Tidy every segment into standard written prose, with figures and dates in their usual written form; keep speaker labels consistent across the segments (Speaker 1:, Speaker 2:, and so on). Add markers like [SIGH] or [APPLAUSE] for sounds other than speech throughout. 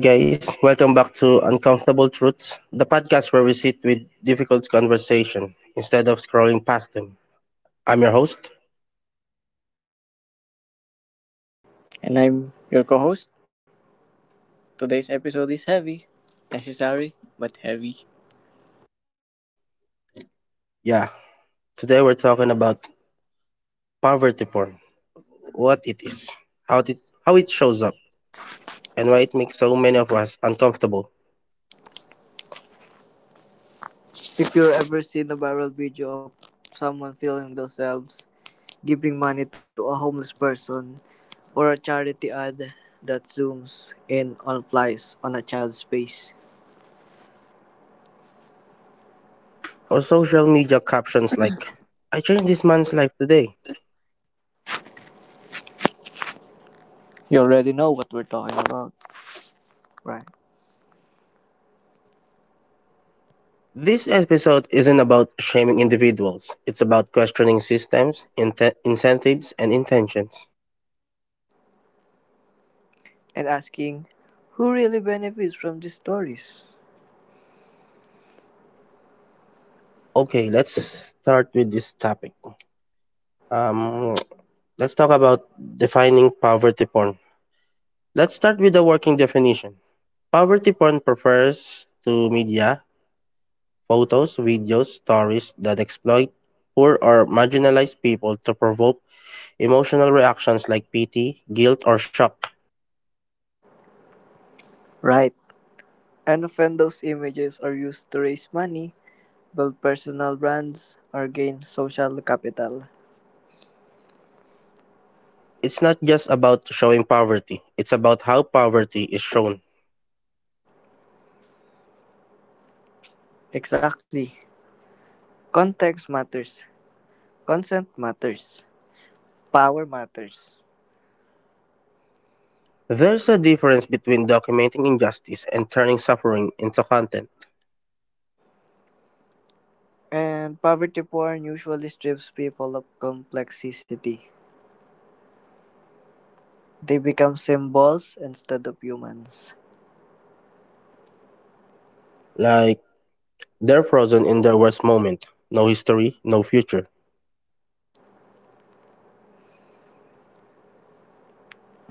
Speaker 1: Hi, guys. Welcome back to Uncomfortable Truths, the podcast where we sit with difficult conversation instead of scrolling past them. I'm your host.
Speaker 2: And I'm your co host. Today's episode is heavy, necessary, but heavy.
Speaker 1: Yeah. Today we're talking about poverty porn, what it is, how it, how it shows up, and why it makes so many of us uncomfortable.
Speaker 2: If you've ever seen a viral video of someone filming themselves giving money to a homeless person or a charity ad that zooms in on applies on a child's face,
Speaker 1: Or social media captions like, I changed this man's life today.
Speaker 2: you already know what we're talking about, right?
Speaker 1: This episode isn't about shaming individuals. It's about questioning systems, incentives, and intentions.
Speaker 2: And asking, who really benefits from these stories?
Speaker 1: Okay, let's start with this topic. Um, let's talk about defining poverty porn. Let's start with the working definition. Poverty porn refers to media, photos, videos, stories that exploit poor or marginalized people to provoke emotional reactions like pity, guilt, or shock.
Speaker 2: Right. And often those images are used to raise money, build personal brands, or gain social capital.
Speaker 1: It's not just about showing poverty, it's about how poverty is shown.
Speaker 2: Exactly. Context matters, consent matters, power matters.
Speaker 1: There's a difference between documenting injustice and turning suffering into content,
Speaker 2: And poverty porn usually strips people of complexity. They become symbols instead of humans.
Speaker 1: like they're frozen in their worst moment. No history, no future.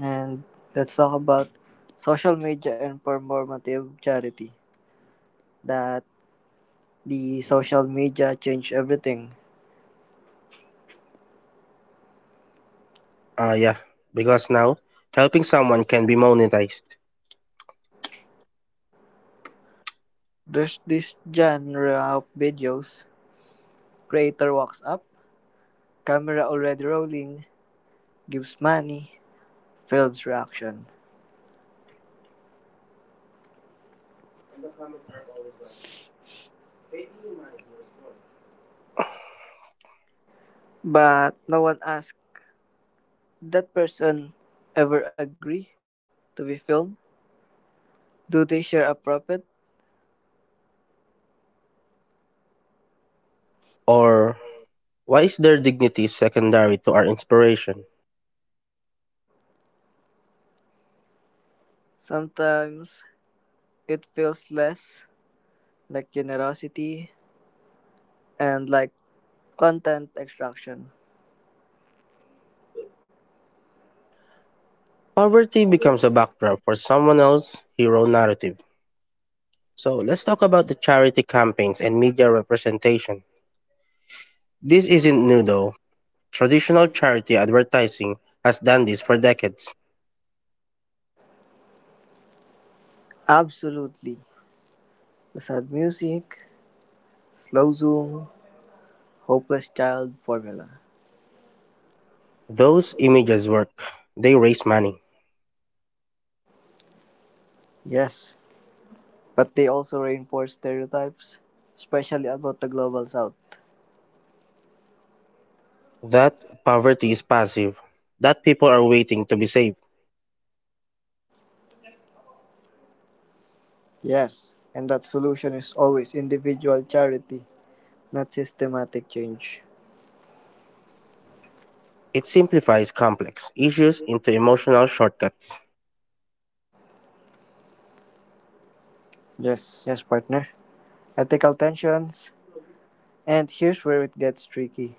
Speaker 2: And let's talk about social media and performative charity. That the social media changed everything.
Speaker 1: Uh, yeah, because now helping someone can be monetized.
Speaker 2: There's this genre of videos. Creator walks up, camera already rolling, gives money, films reaction. But no one asked, that person ever agree to be filmed? Do they share a profit?
Speaker 1: Or why is their dignity secondary to our inspiration?
Speaker 2: Sometimes it feels less like generosity and like content extraction.
Speaker 1: Poverty becomes a backdrop for someone else's hero narrative. So let's talk about the charity campaigns and media representation. This isn't new though. Traditional charity advertising has done this for decades.
Speaker 2: Absolutely. The sad music, slow zoom, hopeless child formula.
Speaker 1: Those images work, they raise money.
Speaker 2: Yes, but they also reinforce stereotypes, especially about the global south.
Speaker 1: That poverty is passive, that people are waiting to be saved.
Speaker 2: Yes, and that solution is always individual charity, not systematic change.
Speaker 1: It simplifies complex issues into emotional shortcuts.
Speaker 2: Yes, yes, partner. Ethical tensions. And here's where it gets tricky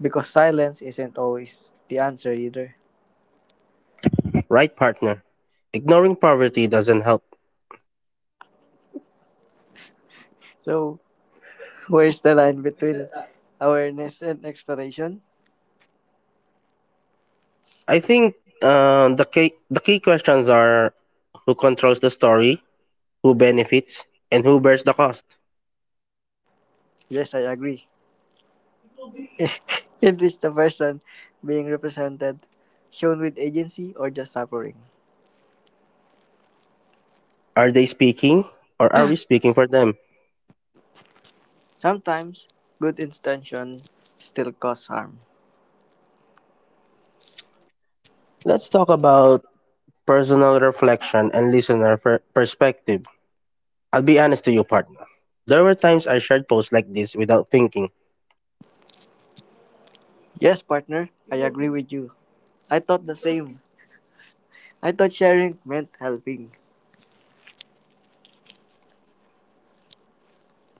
Speaker 2: because silence isn't always the answer either.
Speaker 1: Right, partner. Ignoring poverty doesn't help.
Speaker 2: So, where's the line between awareness and exploration?
Speaker 1: I think the key questions are who controls the story, who benefits, and who bears the cost.
Speaker 2: Yes, I agree. [LAUGHS] It is the person being represented shown with agency or just suffering.
Speaker 1: Are they speaking, or are we speaking for them?
Speaker 2: Sometimes good intention still cause harm.
Speaker 1: Let's talk about personal reflection and listener perspective. I'll be honest to you, partner. There were times I shared posts like this without thinking,
Speaker 2: Yes, partner, I agree with you. I thought the same. I thought sharing meant helping.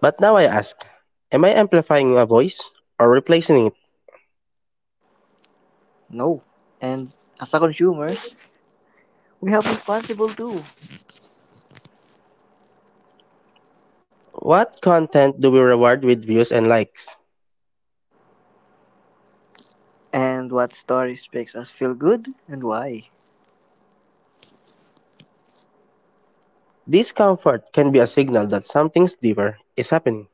Speaker 1: but now I ask, am I amplifying a voice or replacing it?
Speaker 2: No. And as a consumer, we have responsible too.
Speaker 1: What content do we reward with views and likes?
Speaker 2: And what stories makes us feel good and why?
Speaker 1: Discomfort can be a signal that something deeper is happening.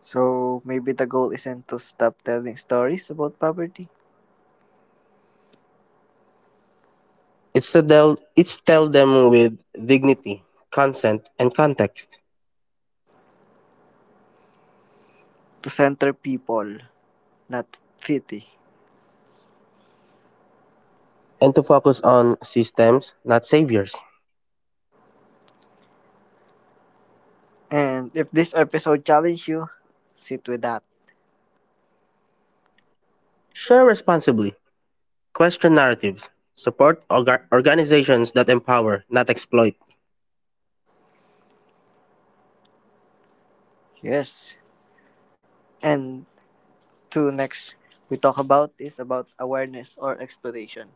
Speaker 2: So maybe the goal isn't to stop telling stories about poverty,
Speaker 1: It's to tell them with dignity, consent, and context,
Speaker 2: to center people, not pity.
Speaker 1: and to focus on systems, not saviors.
Speaker 2: And if this episode challenged you, sit with that.
Speaker 1: Share responsibly. Question narratives. Support organizations that empower, not exploit.
Speaker 2: Yes. And to next we talk about is about awareness or exploration.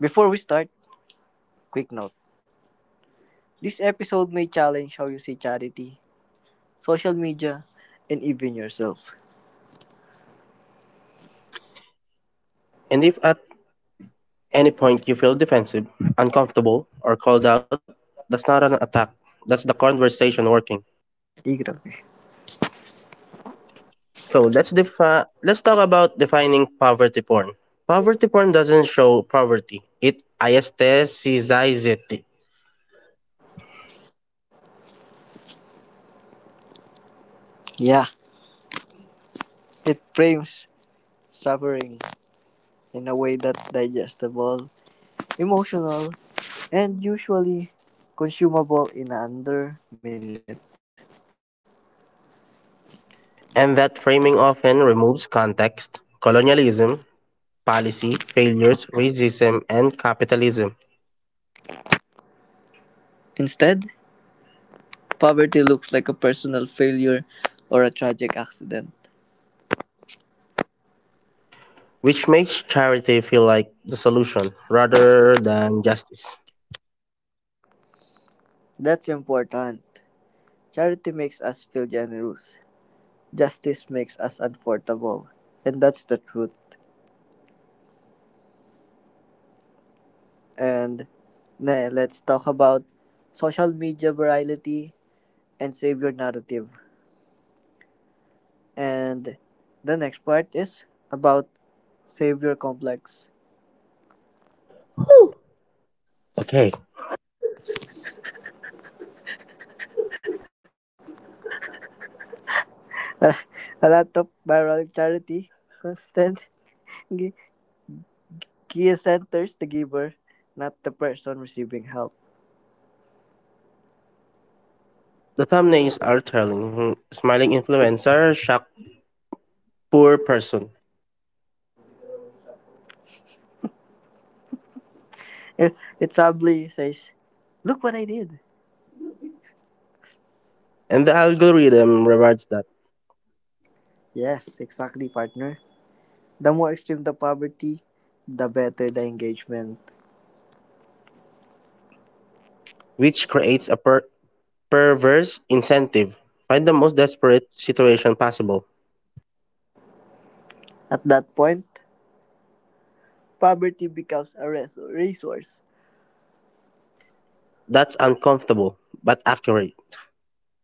Speaker 2: Before we start, quick note. This episode may challenge how you see charity, social media, and even yourself.
Speaker 1: And if at any point you feel defensive, uncomfortable, or called out, that's not an attack. That's the conversation working.
Speaker 2: Di, grabe.
Speaker 1: So let's talk about defining poverty porn. Poverty porn doesn't show poverty; it aestheticizes it,
Speaker 2: Yeah, it frames suffering in a way that's digestible, emotional, and usually consumable in under minute.
Speaker 1: and that framing often removes context, colonialism, policy failures, racism, and capitalism,
Speaker 2: Instead, poverty looks like a personal failure or a tragic accident.
Speaker 1: which makes charity feel like the solution rather than justice.
Speaker 2: That's important. Charity makes us feel generous. Justice makes us uncomfortable. And that's the truth. And let's talk about social media virality and savior narrative. And the next part is about savior complex.
Speaker 1: Whew. Okay.
Speaker 2: [LAUGHS] A lot of viral charity content gi- gear centers the giver, not the person receiving help.
Speaker 1: The thumbnails are telling. Smiling influencer, shocked poor person.
Speaker 2: It, it sadly says, look what I did.
Speaker 1: And the algorithm rewards that,
Speaker 2: Yes, exactly, partner. The more extreme the poverty, the better the engagement.
Speaker 1: which creates a perverse incentive. Find the most desperate situation possible.
Speaker 2: At that point, poverty becomes a resource.
Speaker 1: That's uncomfortable, but accurate.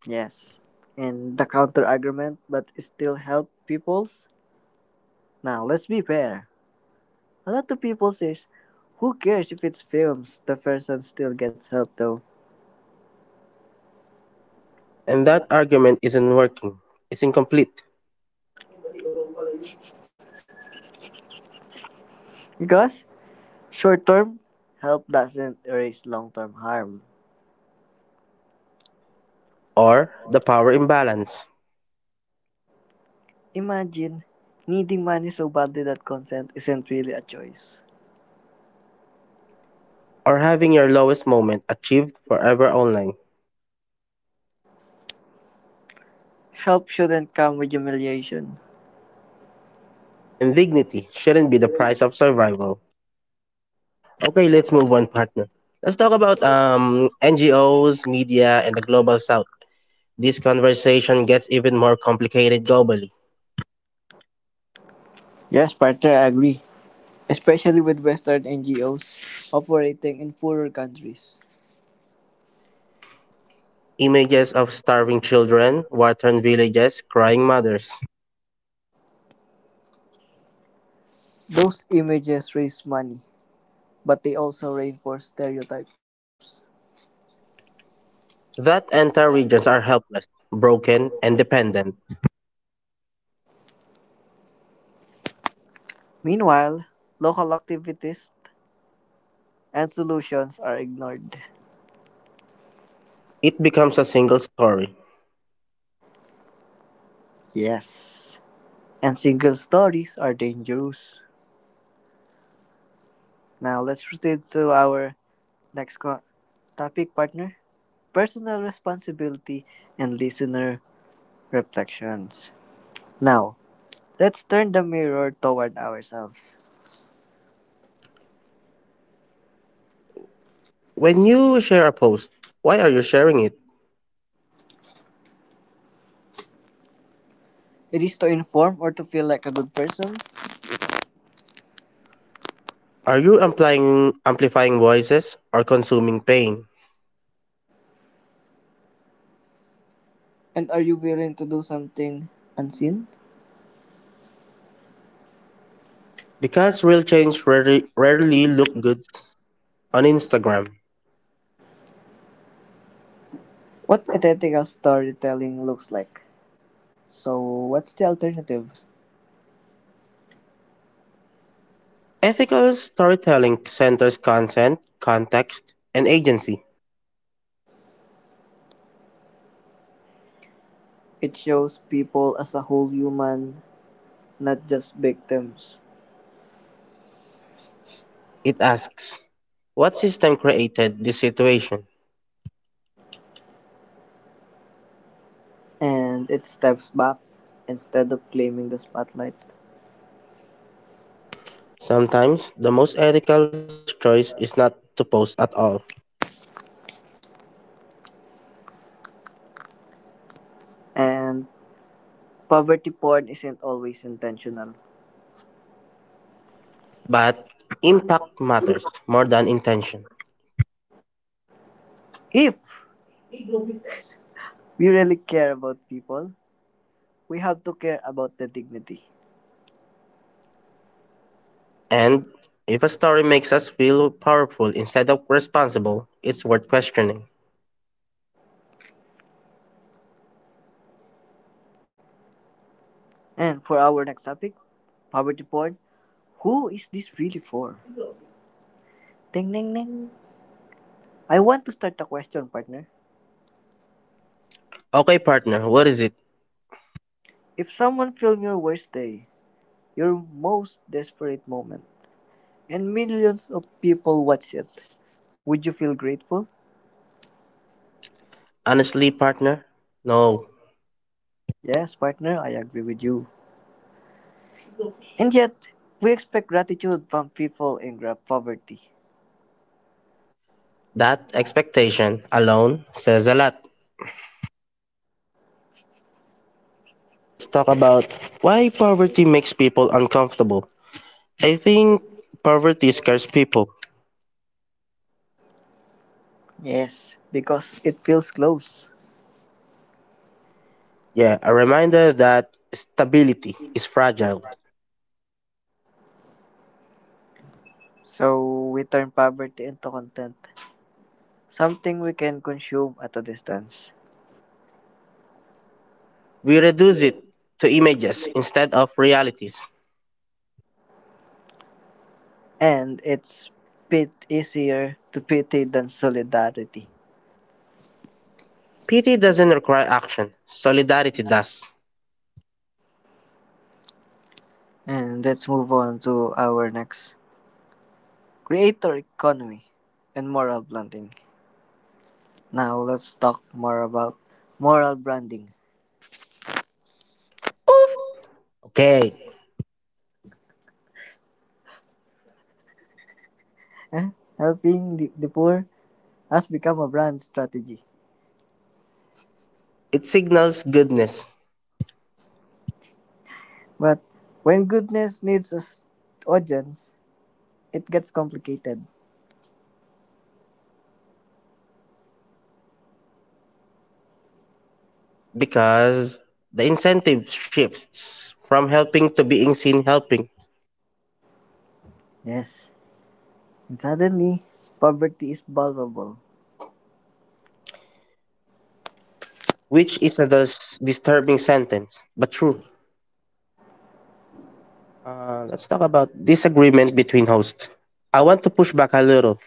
Speaker 2: Yes. And the counter argument, but it still help peoples? Now let's be fair. A lot of people says, who cares if it's films? The person still gets help though.
Speaker 1: And that argument isn't working, it's incomplete.
Speaker 2: Because short term help doesn't erase long term harm.
Speaker 1: Or the power imbalance.
Speaker 2: Imagine needing money so badly that consent isn't really a choice.
Speaker 1: Or having your lowest moment achieved forever online.
Speaker 2: Help shouldn't come with humiliation.
Speaker 1: And dignity shouldn't be the price of survival. Okay, let's move on, partner. Let's talk about NGOs, media, and the global south. This conversation gets even more complicated globally.
Speaker 2: Yes, partner, I agree. Especially with Western NGOs operating in poorer countries.
Speaker 1: Images of starving children, war-torn villages, crying mothers.
Speaker 2: Those images raise money, but they also reinforce stereotypes.
Speaker 1: That entire regions are helpless, broken, and dependent.
Speaker 2: Meanwhile, local activities and solutions are ignored.
Speaker 1: It becomes a single story.
Speaker 2: Yes. And single stories are dangerous. Now let's proceed to our next topic partner, personal responsibility and listener reflections. Now, let's turn the mirror toward ourselves.
Speaker 1: When you share a post, why are you sharing it?
Speaker 2: It is to inform or to feel like a good person.
Speaker 1: Are you amplifying voices or consuming pain?
Speaker 2: And are you willing to do something unseen?
Speaker 1: Because real change rarely look good on Instagram.
Speaker 2: What ethical storytelling looks like. So, what's the alternative?
Speaker 1: Ethical storytelling centers consent, context, and agency.
Speaker 2: It shows people as a whole human, not just victims.
Speaker 1: It asks, what system created this situation?
Speaker 2: And it steps back instead of claiming the spotlight.
Speaker 1: Sometimes the most ethical choice is not to post at all,
Speaker 2: And poverty porn isn't always intentional.
Speaker 1: but impact matters more than intention.
Speaker 2: If we really care about people, we have to care about the dignity.
Speaker 1: And if a story makes us feel powerful instead of responsible, it's worth questioning.
Speaker 2: And for our next topic, poverty porn, who is this really for? Ding ding ding. I want to start a question, partner.
Speaker 1: Okay, partner, what is it?
Speaker 2: If someone filmed your worst day, your most desperate moment, and millions of people watch it, would you feel grateful?
Speaker 1: Honestly, partner? No,
Speaker 2: Yes, partner, I agree with you. And yet, we expect gratitude from people in poverty.
Speaker 1: that expectation alone says a lot. Okay, let's talk about why poverty makes people uncomfortable. I think poverty scares people.
Speaker 2: Yes, because it feels close.
Speaker 1: Yeah, a reminder that stability is fragile.
Speaker 2: So we turn poverty into content, something we can consume at a distance.
Speaker 1: We reduce it to images instead of realities.
Speaker 2: And it's bit easier to pity than solidarity.
Speaker 1: Pity doesn't require action, solidarity does.
Speaker 2: And let's move on to our next creator economy and moral branding. Now let's talk more about moral branding.
Speaker 1: Okay,
Speaker 2: Eh, Helping the poor has become a brand strategy.
Speaker 1: it signals goodness
Speaker 2: But when goodness needs an audience, it gets complicated.
Speaker 1: because the incentive shifts from helping to being seen helping,
Speaker 2: Yes, and suddenly poverty is vulnerable.
Speaker 1: which is a disturbing sentence, but true. Let's talk about disagreement between hosts. I want to push back a little.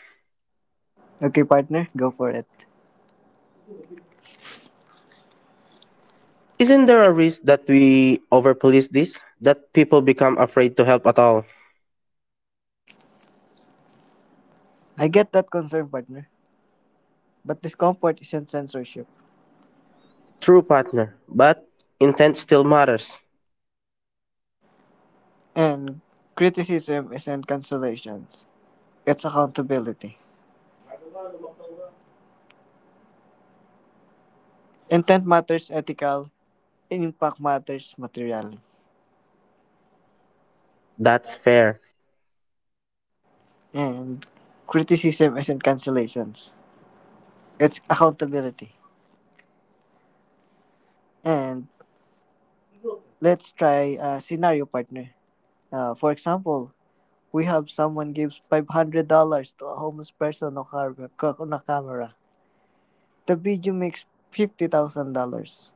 Speaker 2: Okay, partner, go for it.
Speaker 1: Isn't there a risk that we overpolice this? That people become afraid to help at all?
Speaker 2: I get that concern, partner, but discomfort isn't censorship,
Speaker 1: True partner, but intent still matters.
Speaker 2: and criticism isn't cancellations. It's accountability. Intent matters ethical impact matters materially.
Speaker 1: That's fair.
Speaker 2: And criticism isn't cancellations, it's accountability. And let's try a scenario partner. For example, we have someone gives $500 to a homeless person on, on a camera. The video makes $50,000.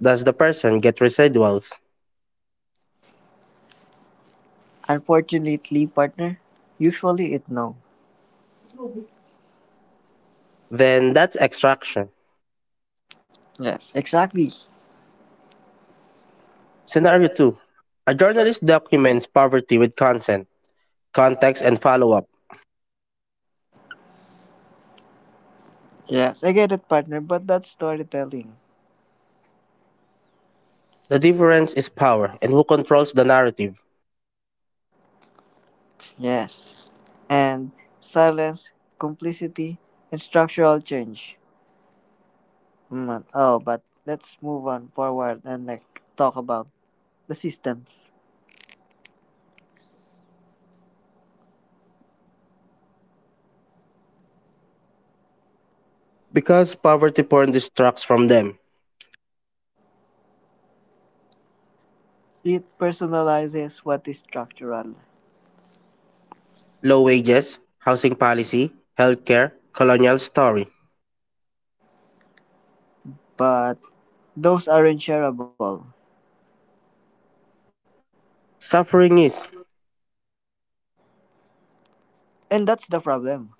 Speaker 1: Does the person get residuals?
Speaker 2: Unfortunately, partner, usually it no.
Speaker 1: Then that's extraction.
Speaker 2: Exactly.
Speaker 1: Scenario 2. A journalist documents poverty with consent context, and follow up.
Speaker 2: Yes, I get it, partner, but that's storytelling.
Speaker 1: The difference is power and who controls the narrative.
Speaker 2: Yes. And silence, complicity, and structural change. Oh, but let's move on forward and like talk about the systems.
Speaker 1: Because poverty porn distracts from them.
Speaker 2: It personalizes what is structural,
Speaker 1: Low wages, housing policy, healthcare, colonial story.
Speaker 2: but those aren't shareable.
Speaker 1: Suffering is.
Speaker 2: And that's the problem.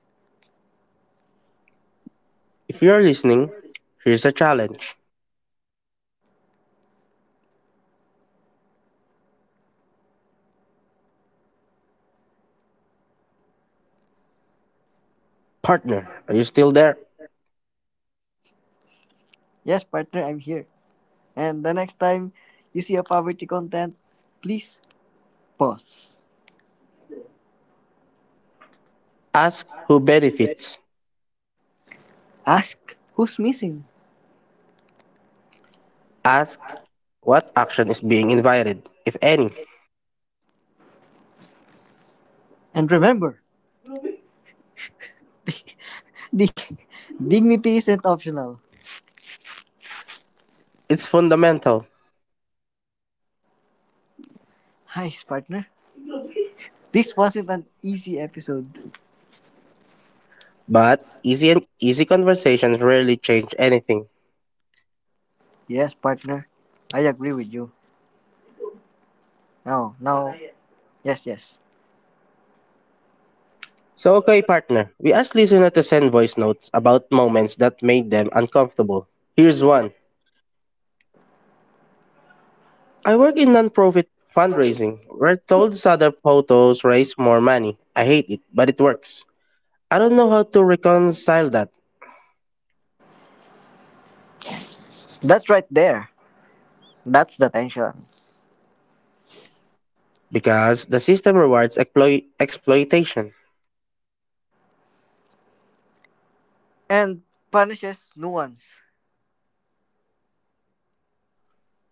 Speaker 1: If you're listening, here's a challenge. Partner, are you still there?
Speaker 2: Yes, partner, I'm here. And the next time you see a poverty content, please pause.
Speaker 1: Ask who benefits.
Speaker 2: Ask who's missing.
Speaker 1: Ask what action is being invited, if any.
Speaker 2: And remember, [LAUGHS] di- dignity isn't optional.
Speaker 1: It's fundamental,
Speaker 2: Hi, partner. This wasn't an easy episode.
Speaker 1: but easy conversations rarely change anything.
Speaker 2: Yes, partner. I agree with you. No, no. Yes, yes.
Speaker 1: So okay, partner. We asked listener to send voice notes about moments that made them uncomfortable. Here's one. I work in nonprofit fundraising. We're told other photos raise more money. I hate it, but it works. I don't know how to reconcile that
Speaker 2: That's right there. That's the tension.
Speaker 1: because the system rewards exploitation.
Speaker 2: And punishes nuance.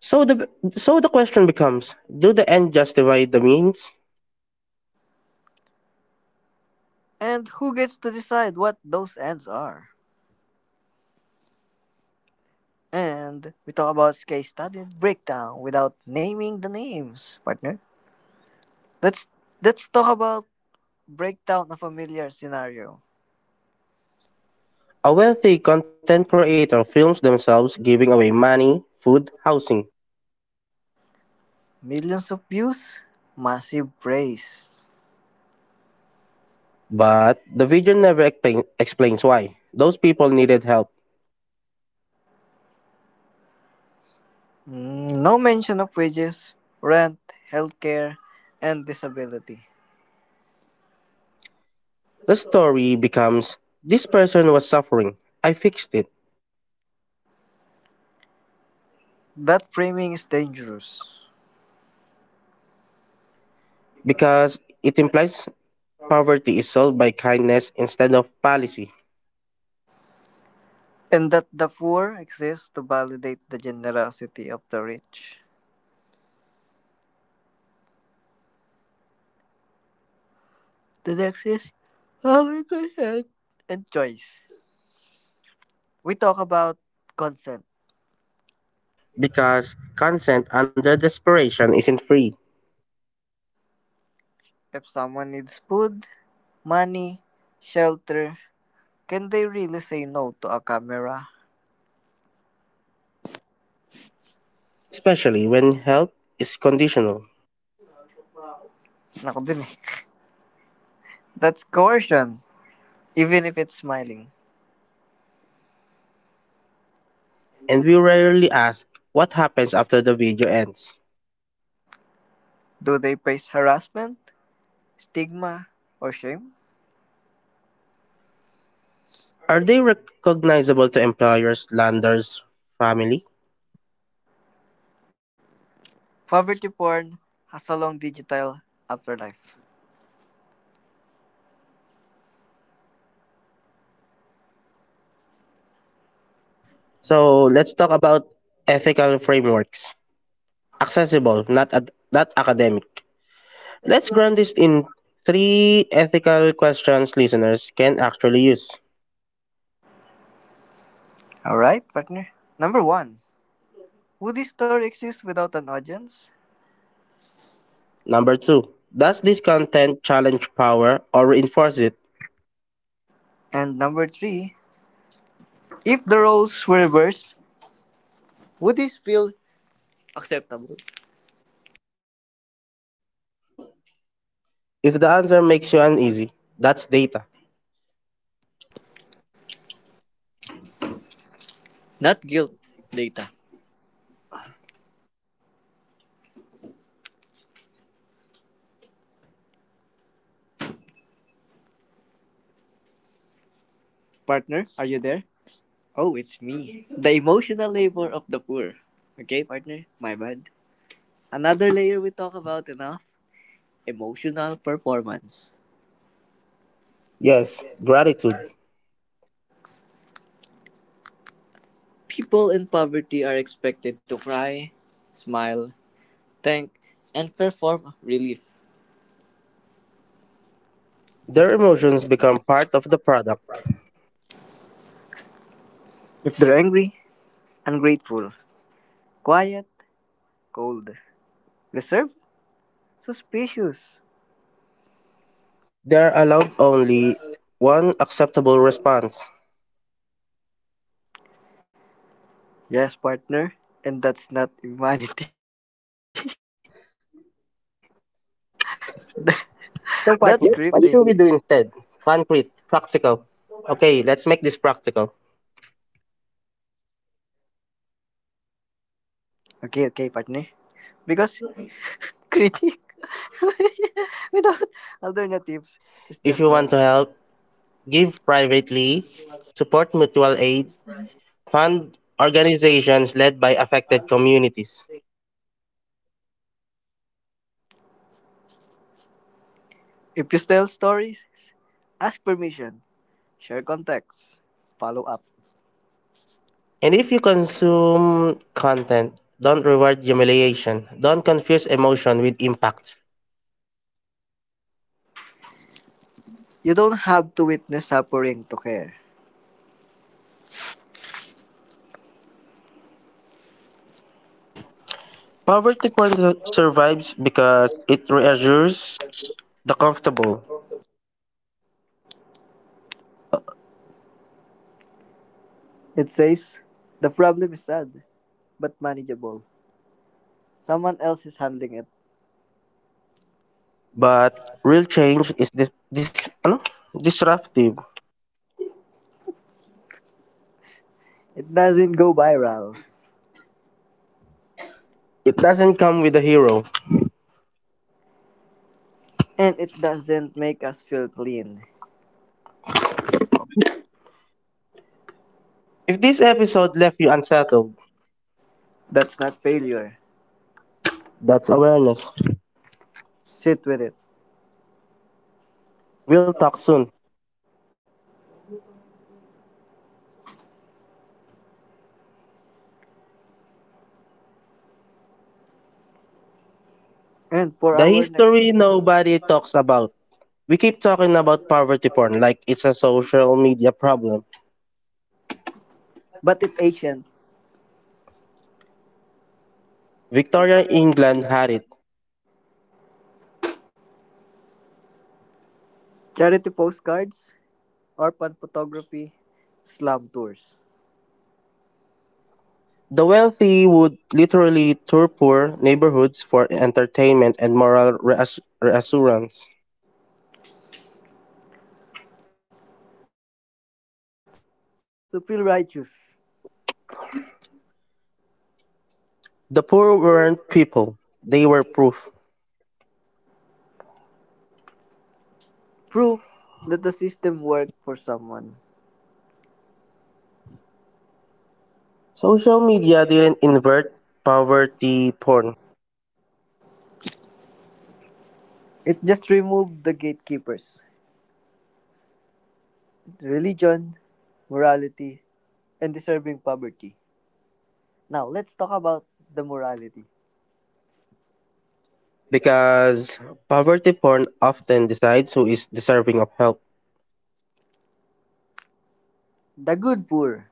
Speaker 1: So the question becomes, do the end justify the means?
Speaker 2: And who gets to decide what those ends are? And we talk about case study and breakdown without naming the names, partner. Let's let's talk about breakdown of a familiar scenario.
Speaker 1: A wealthy content creator films themselves giving away money, food, housing.
Speaker 2: Millions of views, massive praise.
Speaker 1: But the video never explains why. Those people needed help.
Speaker 2: No mention of wages, rent, healthcare, and disability.
Speaker 1: The story becomes this person was suffering. I fixed it.
Speaker 2: That framing is dangerous.
Speaker 1: Because it implies poverty is solved by kindness instead of policy.
Speaker 2: And that the poor exist to validate the generosity of the rich. The next is our consent and choice. We talk about consent.
Speaker 1: Because consent under desperation isn't free,
Speaker 2: If someone needs food, money, shelter, can they really say no to a camera?
Speaker 1: especially when help is conditional.
Speaker 2: Naku din eh. That's coercion, even if it's smiling.
Speaker 1: And we rarely ask what happens after the video ends.
Speaker 2: Do they face harassment, stigma, or shame?
Speaker 1: Are they recognizable to employers, landers, family?
Speaker 2: Poverty porn has a long digital afterlife.
Speaker 1: So let's talk about ethical frameworks. Accessible, not academic. Let's ground this in three ethical questions listeners can actually use.
Speaker 2: All right, partner. Number 1, would this story exist without an audience?
Speaker 1: Number two, does this content challenge power or reinforce it?
Speaker 2: And Number 3, if the roles were reversed, would this feel acceptable?
Speaker 1: If the answer makes you uneasy, that's data.
Speaker 2: Not guilt data. Partner, are you there? Oh, it's me. The emotional labor of the poor. Okay, partner, my bad. Another layer we talk about enough emotional performance.
Speaker 1: Yes, gratitude.
Speaker 2: People in poverty are expected to cry, smile, thank, and perform relief.
Speaker 1: Their emotions become part of the product.
Speaker 2: If they're angry, ungrateful, quiet, cold, reserved, suspicious.
Speaker 1: They're allowed only one acceptable response.
Speaker 2: Yes, partner, and that's not humanity. [LAUGHS] That-
Speaker 1: So, partner,
Speaker 2: that's
Speaker 1: what should we do
Speaker 2: scripting.
Speaker 1: instead? Concrete, practical. Okay, let's make this practical.
Speaker 2: Okay, okay, partner. Because critic [LAUGHS] without alternatives is
Speaker 1: If
Speaker 2: just
Speaker 1: you want to
Speaker 2: noise.
Speaker 1: help, give privately, support mutual aid, fund organizations led by affected communities.
Speaker 2: If you tell stories, ask permission. Share context. Follow up.
Speaker 1: And if you consume content, don't reward humiliation. Don't confuse emotion with impact.
Speaker 2: You don't have to witness suffering to care.
Speaker 1: Poverty porn survives because it reassures the comfortable,
Speaker 2: It says, the problem is sad, but manageable. Someone else is handling it.
Speaker 1: but real change is this this ano? Disruptive.
Speaker 2: It doesn't go viral.
Speaker 1: It doesn't come with a hero.
Speaker 2: And it doesn't make us feel clean.
Speaker 1: If this episode left you unsettled,
Speaker 2: That's not failure.
Speaker 1: that's awareness.
Speaker 2: Sit with it.
Speaker 1: We'll talk soon.
Speaker 2: And for
Speaker 1: The
Speaker 2: our next.
Speaker 1: history nobody talks about. We keep talking about poverty porn like it's a social media problem.
Speaker 2: But it Asian.
Speaker 1: Victorian England had it.
Speaker 2: Charity postcards, orphan photography, slum tours.
Speaker 1: The wealthy would literally tour poor neighborhoods for entertainment and moral reassurance.
Speaker 2: To feel lucky, to feel righteous.
Speaker 1: The poor weren't people, they were proof.
Speaker 2: Proof that the system worked for someone.
Speaker 1: Social media didn't invert poverty porn
Speaker 2: It just removed the gatekeepers, religion, morality, and deserving poverty. Now, let's talk about the morality.
Speaker 1: because poverty porn often decides who is deserving of help.
Speaker 2: The good poor,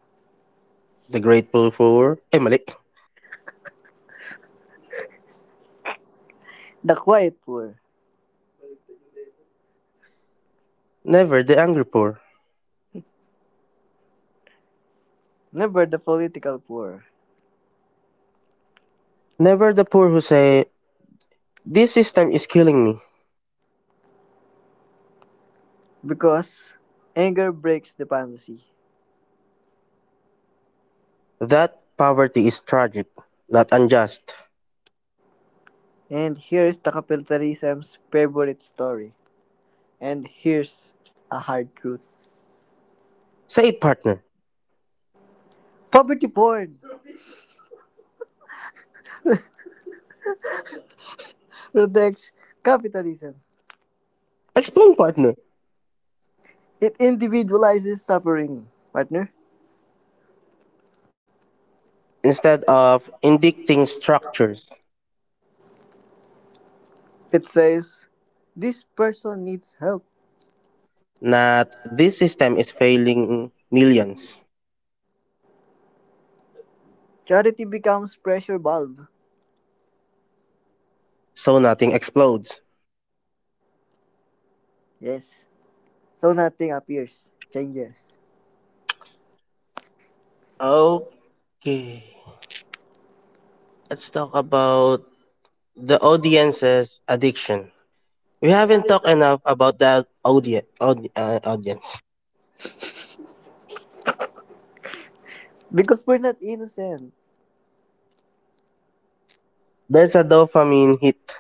Speaker 1: The grateful poor, eh, mali.
Speaker 2: the quiet poor,
Speaker 1: Never the angry poor.
Speaker 2: never the political poor.
Speaker 1: Never the poor who say, this system is killing me.
Speaker 2: Because anger breaks the panacea,
Speaker 1: That poverty is tragic, not unjust. Say it, partner.
Speaker 2: protects capitalism,
Speaker 1: Explain, partner. Instead of indicting structures, not this system is failing millions, so nothing explodes. Okay, let's talk about the audience's addiction. We haven't talked enough about that audience. There's a dopamine hit,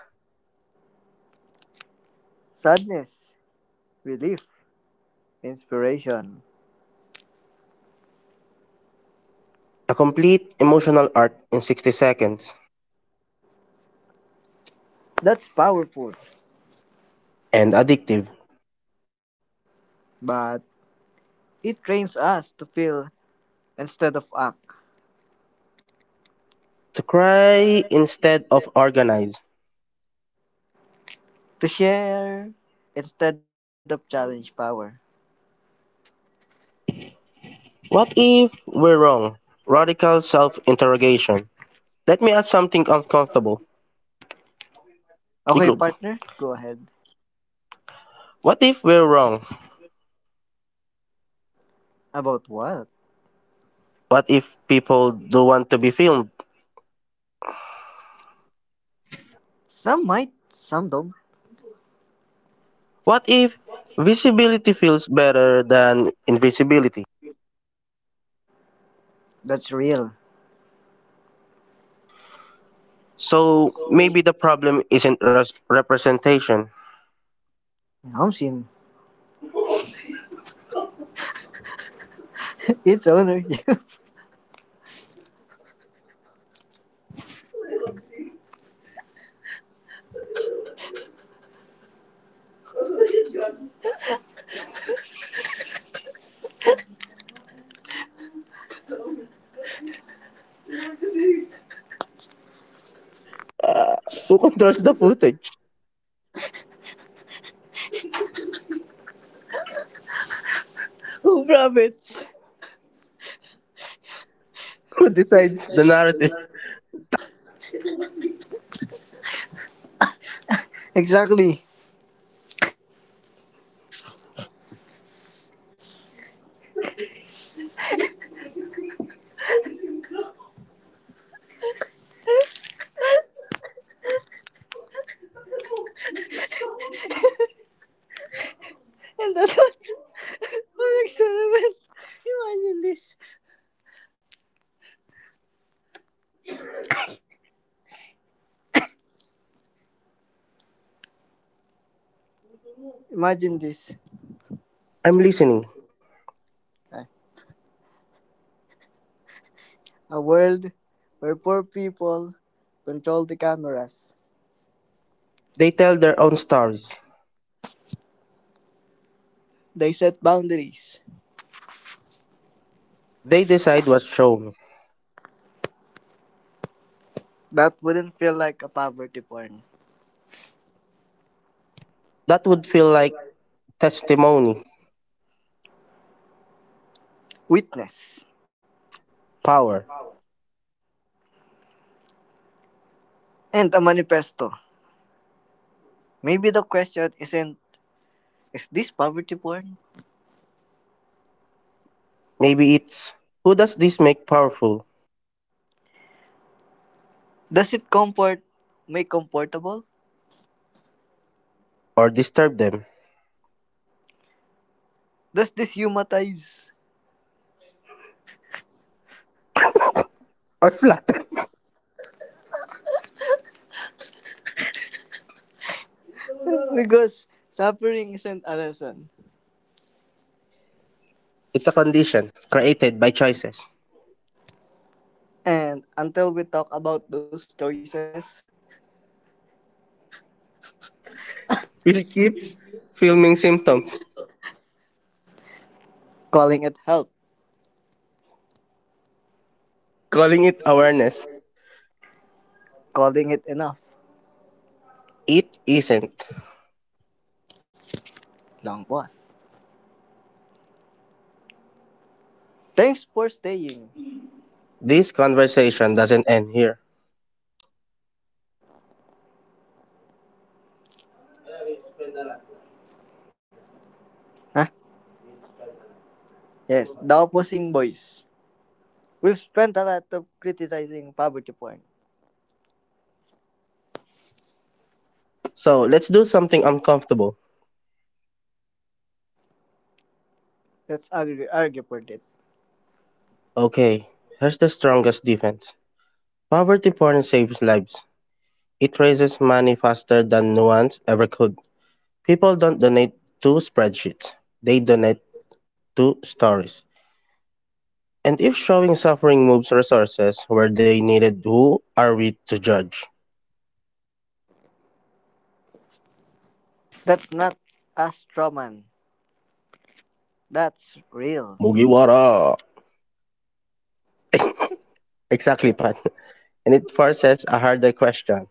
Speaker 1: a complete emotional arc in 60 seconds. And addictive to cry instead of organize. What if we're wrong? Radical self interrogation. Let me ask something uncomfortable. You group. What if we're wrong? What if people do not want to be filmed? What if visibility feels better than invisibility? So maybe the problem isn't representation. Uh, who controls the footage? [LAUGHS] Who decides the narrative? I'm listening. They tell their own stories. They decide what's shown. That would feel like testimony, power. Maybe it's who does this make powerful or disturb them or flatten? [LAUGHS] It's a condition created by choices. We'll keep filming symptoms, calling it awareness. It isn't. This conversation doesn't end here. So let's do something uncomfortable. Okay, here's the strongest defense. Poverty porn saves lives. It raises money faster than nuance ever could. People don't donate to spreadsheets. They donate to stories. And if showing suffering moves resources where they needed, who are we to judge? Mugiwara! [COUGHS] [LAUGHS] Exactly, Pat. And it forces a harder question.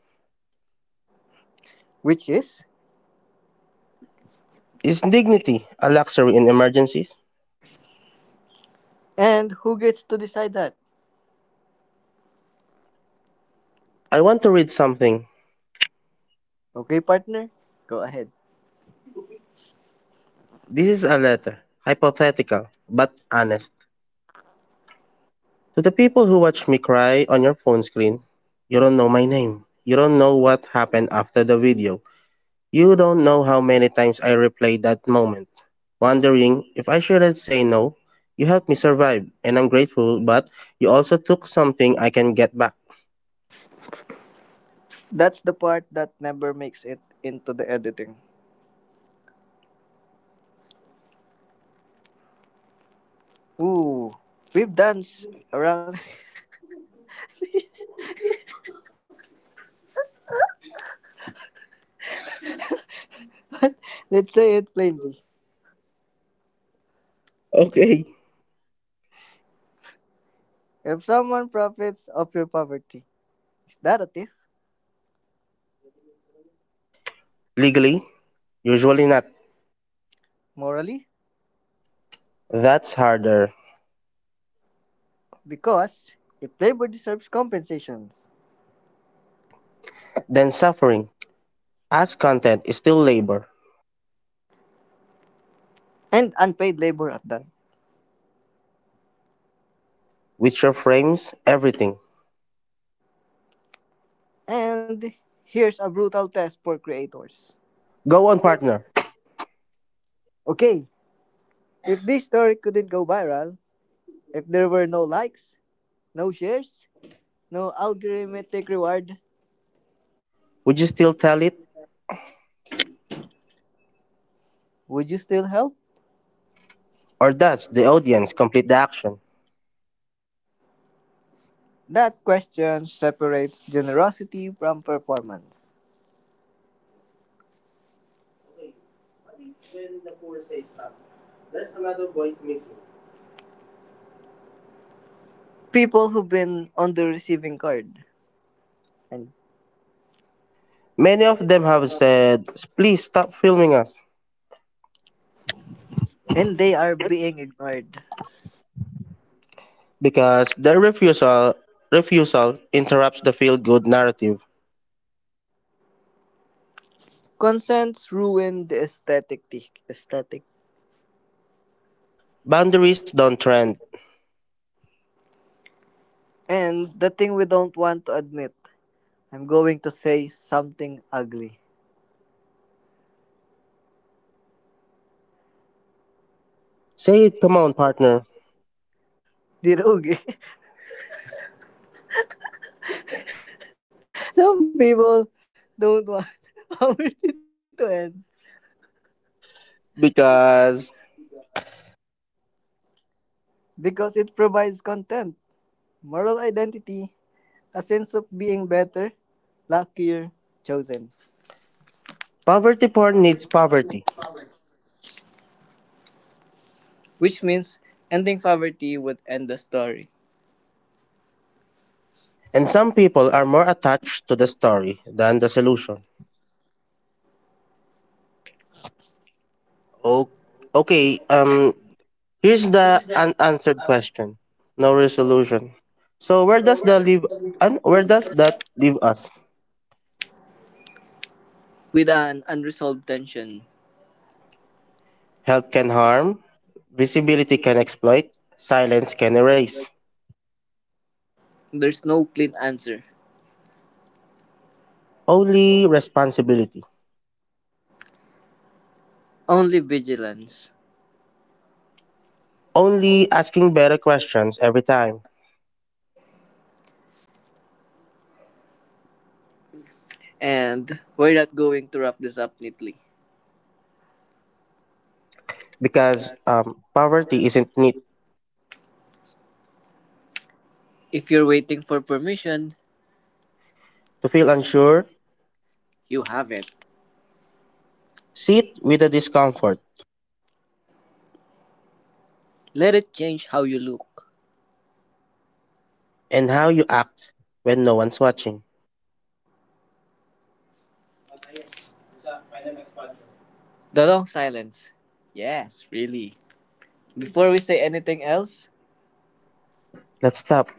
Speaker 1: Is dignity a luxury in emergencies? I want to read something. This is a letter, hypothetical, but honest. To the people who watch me cry on your phone screen, you don't know my name. You don't know what happened after the video. You don't know how many times I replayed that moment, wondering if I should have said no. You helped me survive, and I'm grateful, but you also took something I can get back. Okay. Legally? Usually not. That's harder than suffering, as content is still labor, which reframes everything. Go on, partner. Would you still tell it? Or does the audience complete the action? Okay, what if when the poor say stop, there's another voice missing? Many of them have said, please stop filming us, because their refusal interrupts the feel good narrative. Boundaries don't trend. Say it, come on, partner. Because poverty porn needs poverty. And some people are more attached to the story than the solution. O- Okay, here's the unanswered question. No resolution. So where does that leave us? Help can harm, visibility can exploit, silence can erase. Only responsibility. Only asking better questions every time. Because poverty isn't neat. To feel unsure, sit with the discomfort and how you act when no one's watching. Let's stop.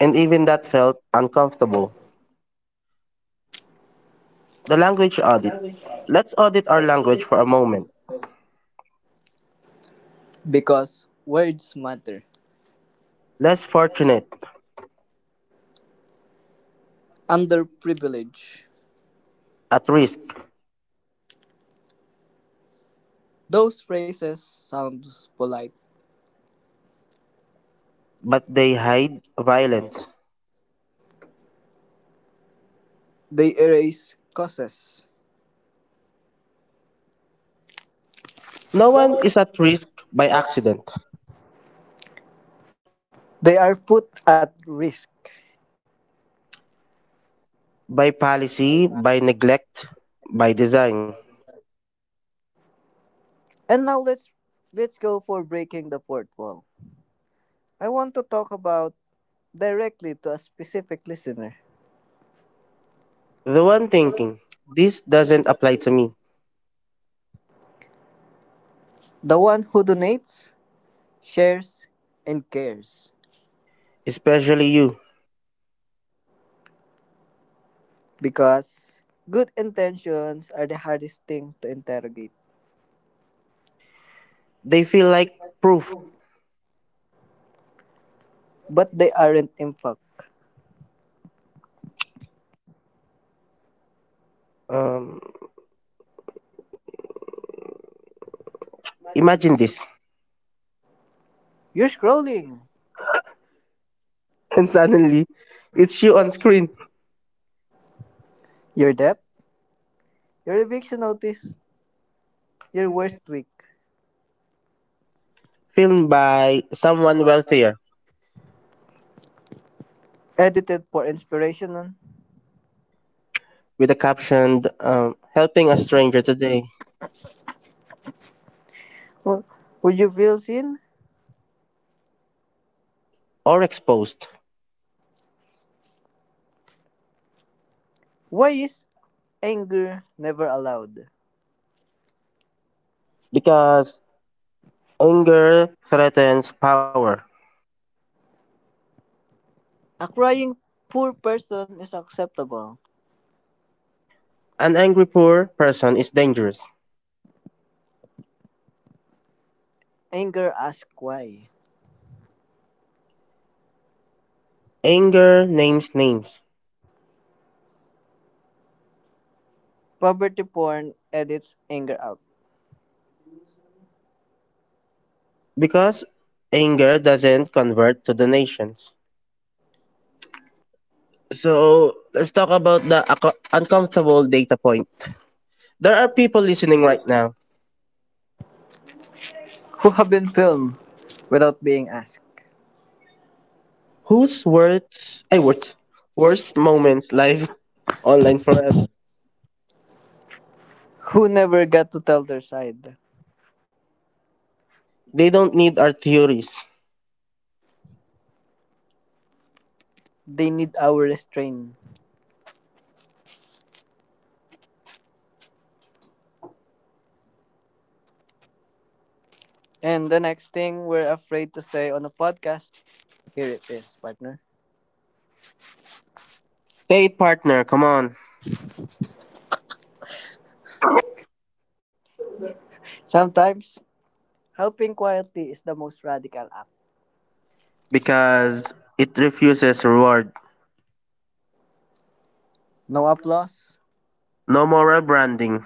Speaker 1: And even that felt uncomfortable. The language audit. Let's audit our language for a moment. Less fortunate, at risk, but they hide violence. No one is at risk by accident, by policy, by neglect, by design. The one thinking, this doesn't apply to me, especially you, they feel like proof. Um, Imagine this. [LAUGHS] And suddenly, it's you on screen, filmed by someone wealthier with a captioned, helping a stranger today, or exposed. Because anger threatens power. An angry poor person is dangerous. Anger names names. Because anger doesn't convert to donations. So let's talk about the uncomfortable data point. There are people listening right now whose worst moments live [LAUGHS] online forever. They don't need our theories. Say it, partner. Come on, because it refuses reward. No moral branding,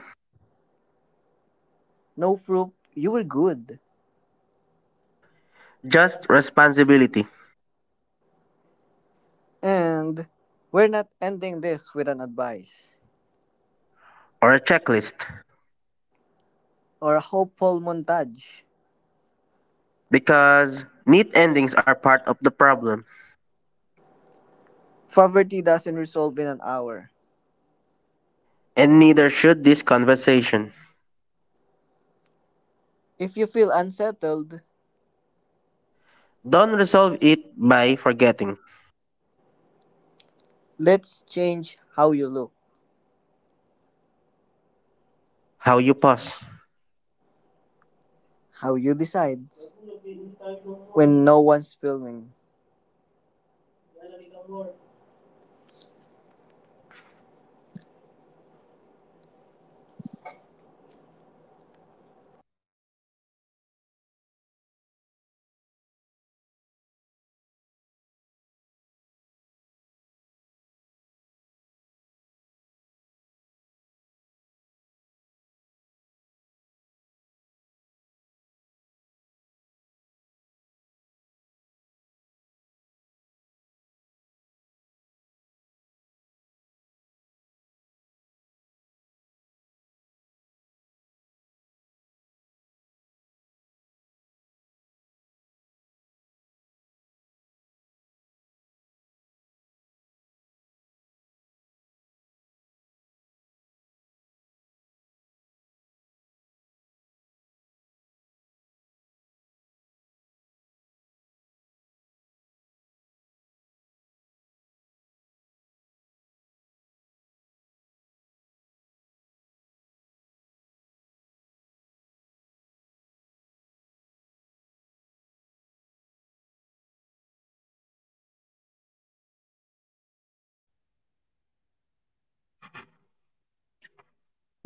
Speaker 1: just responsibility or a checklist. Because neat endings are part of the problem, and neither should this conversation. Don't resolve it by forgetting how you pause.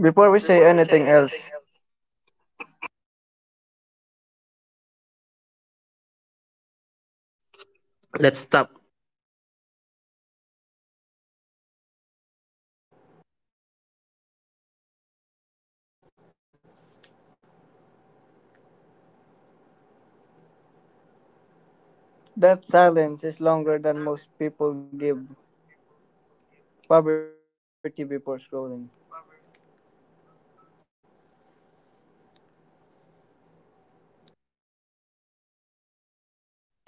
Speaker 1: Before we say anything else, let's stop.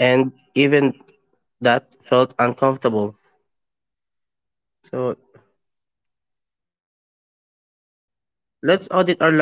Speaker 1: And even that felt uncomfortable. So let's audit our language for a moment again, partner.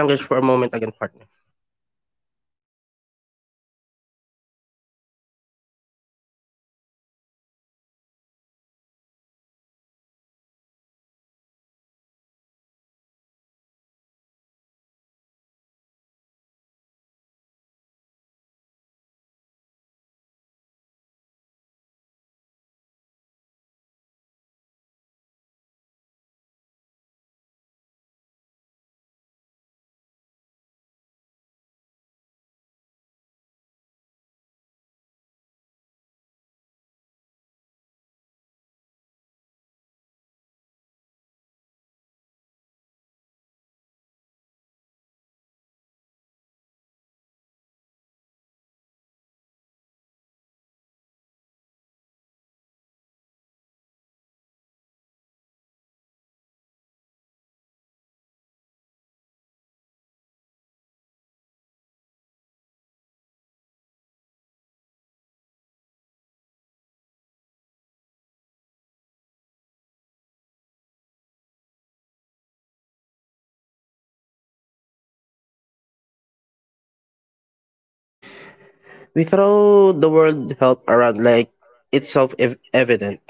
Speaker 1: We throw the word help around like it's evident,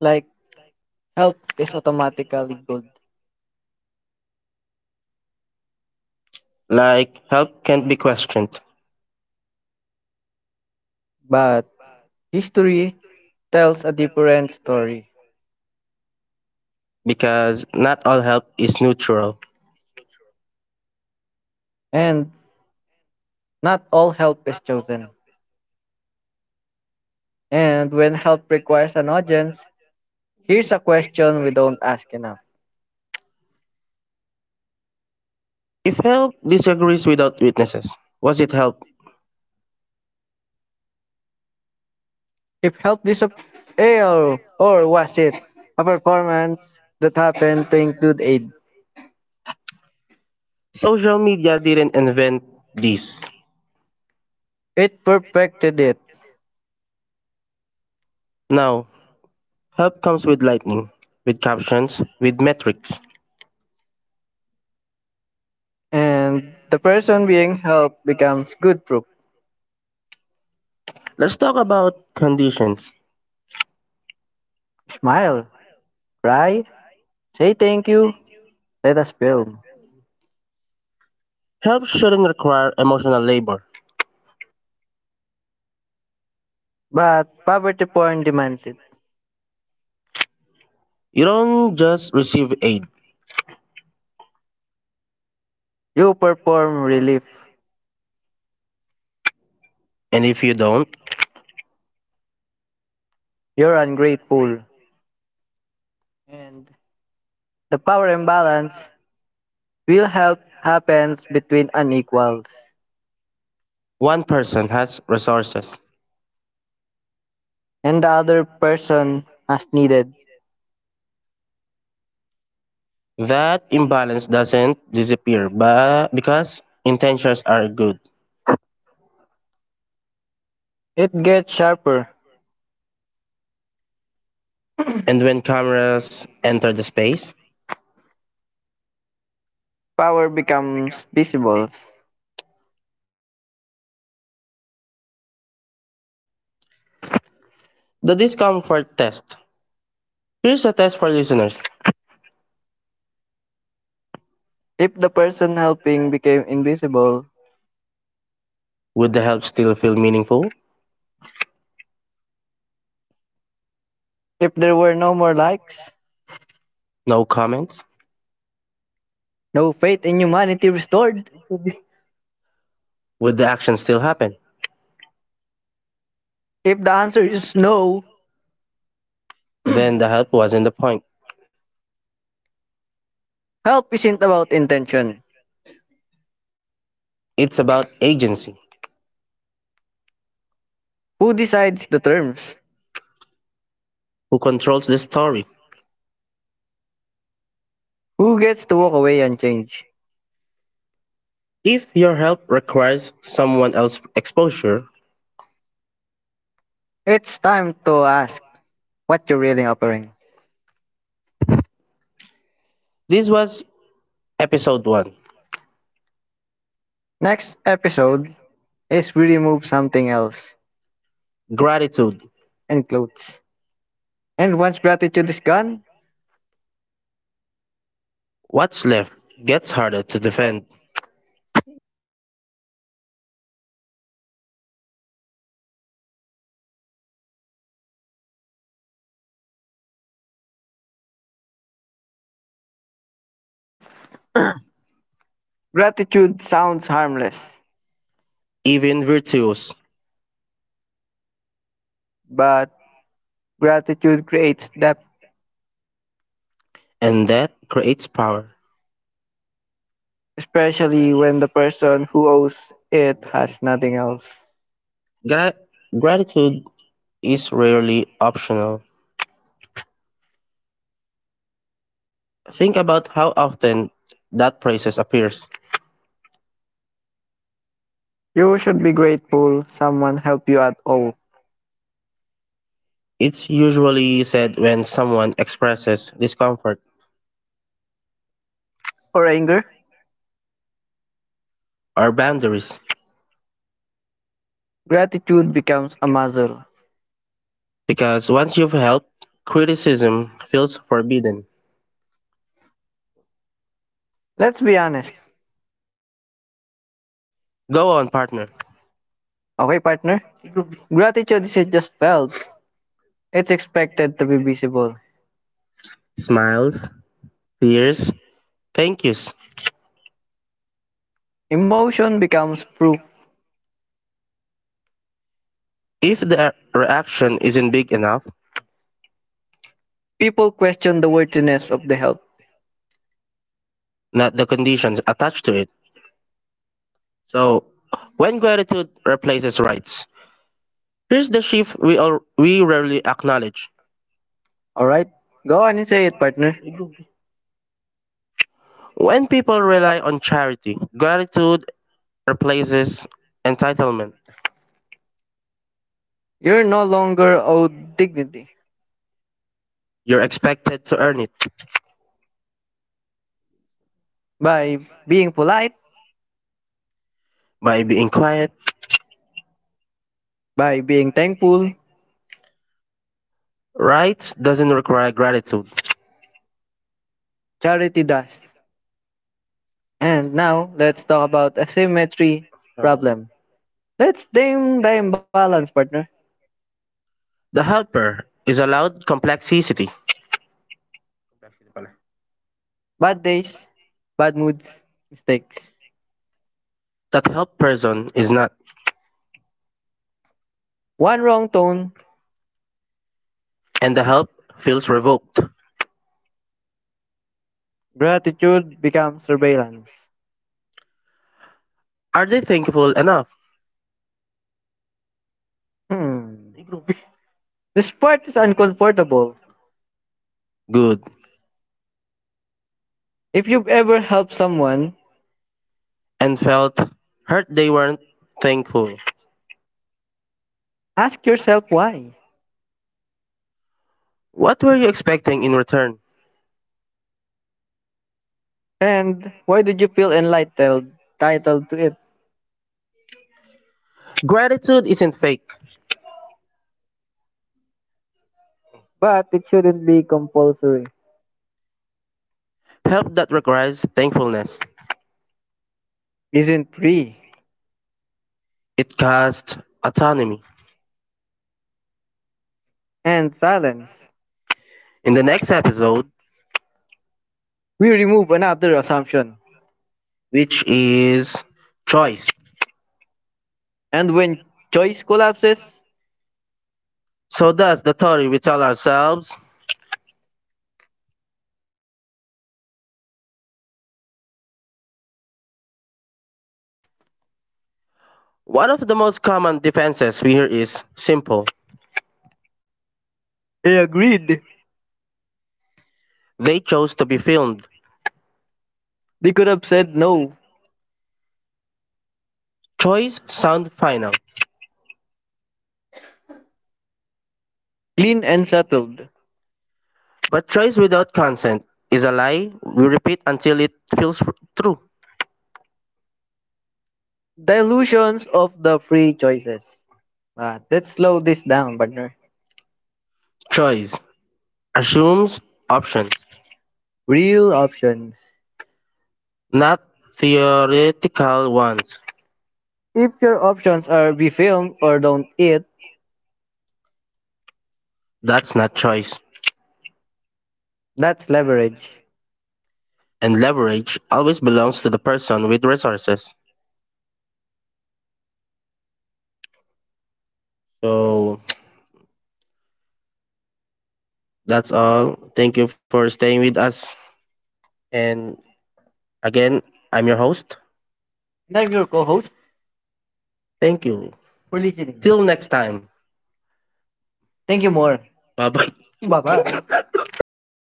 Speaker 1: like help is automatically good, like help can't be questioned, but history tells a different story, because not all help is neutral, and not all help is chosen. And when help requires an audience, here's a question we don't ask enough. If help disagrees without witnesses, was it help? If help disappeared, or was it a performance that happened to include aid? Social media didn't invent this. It perfected it. Now, help comes with lightning, with captions, with metrics. And the person being helped becomes good proof. Let's talk about conditions. Smile, cry, say thank you, let us build. Help shouldn't require emotional labor. But poverty porn demands it. You don't just receive aid, you perform relief. And if you don't, you're ungrateful. And the power imbalance will help happens between unequals. One person has resources. And the other person has needed. That imbalance doesn't disappear but because intentions are good. It gets sharper. And when cameras enter the space. Power becomes visible. The discomfort test. Here's a test for listeners. If the person helping became invisible, would the help still feel meaningful? If there were no more likes, no comments? No faith in humanity restored, [LAUGHS] would the action still happen? If the answer is no, then the help wasn't the point. Help isn't about intention. It's about agency. Who decides the terms? Who controls the story? Who gets to walk away and change? If your help requires someone else's exposure, it's time to ask what you're really offering. This was episode 1. Next episode is we remove something else. Gratitude. And clothes. And once gratitude is gone, what's left gets harder to defend. Gratitude sounds harmless, even virtuous, but gratitude creates depth. And that creates power. Especially when the person who owes it has nothing else. Gra- Gratitude is rarely optional. Think about how often that process appears. You should be grateful someone helped you at all. It's usually said when someone expresses discomfort or anger, or boundaries. Gratitude becomes a muzzle. Because once you've helped, criticism feels forbidden. Let's be honest. Go on, partner. Okay, partner? Gratitude isn't just felt, it's expected to be visible. Smiles, tears, thank yous. Emotion becomes proof. If the reaction isn't big enough, people question the worthiness of the help, not the conditions attached to it. So, when gratitude replaces rights, here's the shift we rarely acknowledge. All right. Go on and say it, partner. When people rely on charity, gratitude replaces entitlement. You're no longer owed dignity, you're expected to earn it by being polite, by being quiet, by being thankful. Rights doesn't require gratitude. Charity does. And now let's talk about asymmetry problem. Let's name the imbalance, partner. The helper is allowed complexity. Bad days, bad moods, mistakes. That help person is not. One wrong tone, and the help feels revoked. Gratitude becomes surveillance. Are they thankful enough? Hmm. This part is uncomfortable. Good. If you've ever helped someone, and felt hurt they weren't thankful, ask yourself why. What were you expecting in return? And why did you feel entitled to it? Gratitude isn't fake. But it shouldn't be compulsory. Help that requires thankfulness. Isn't free. It casts autonomy. And silence. In the next episode, we remove another assumption, which is choice. And when choice collapses, so does the story we tell ourselves. One of the most common defenses we hear is simple. They agreed. They chose to be filmed. They could have said no. Choice sound final, clean and settled. But choice without consent is a lie we repeat until it feels true. Dilutions of the free choices. Let's slow this down, partner. Choice assumes options, real options, not theoretical ones. If your options are be filmed or don't eat, that's not choice, that's leverage. And leverage always belongs to the person with resources. So that's all. Thank you for staying with us. And again, I'm your host. And I'm your co-host. Thank you for listening. Till next time. Thank you more. Bye bye. [LAUGHS] Bye bye. [LAUGHS]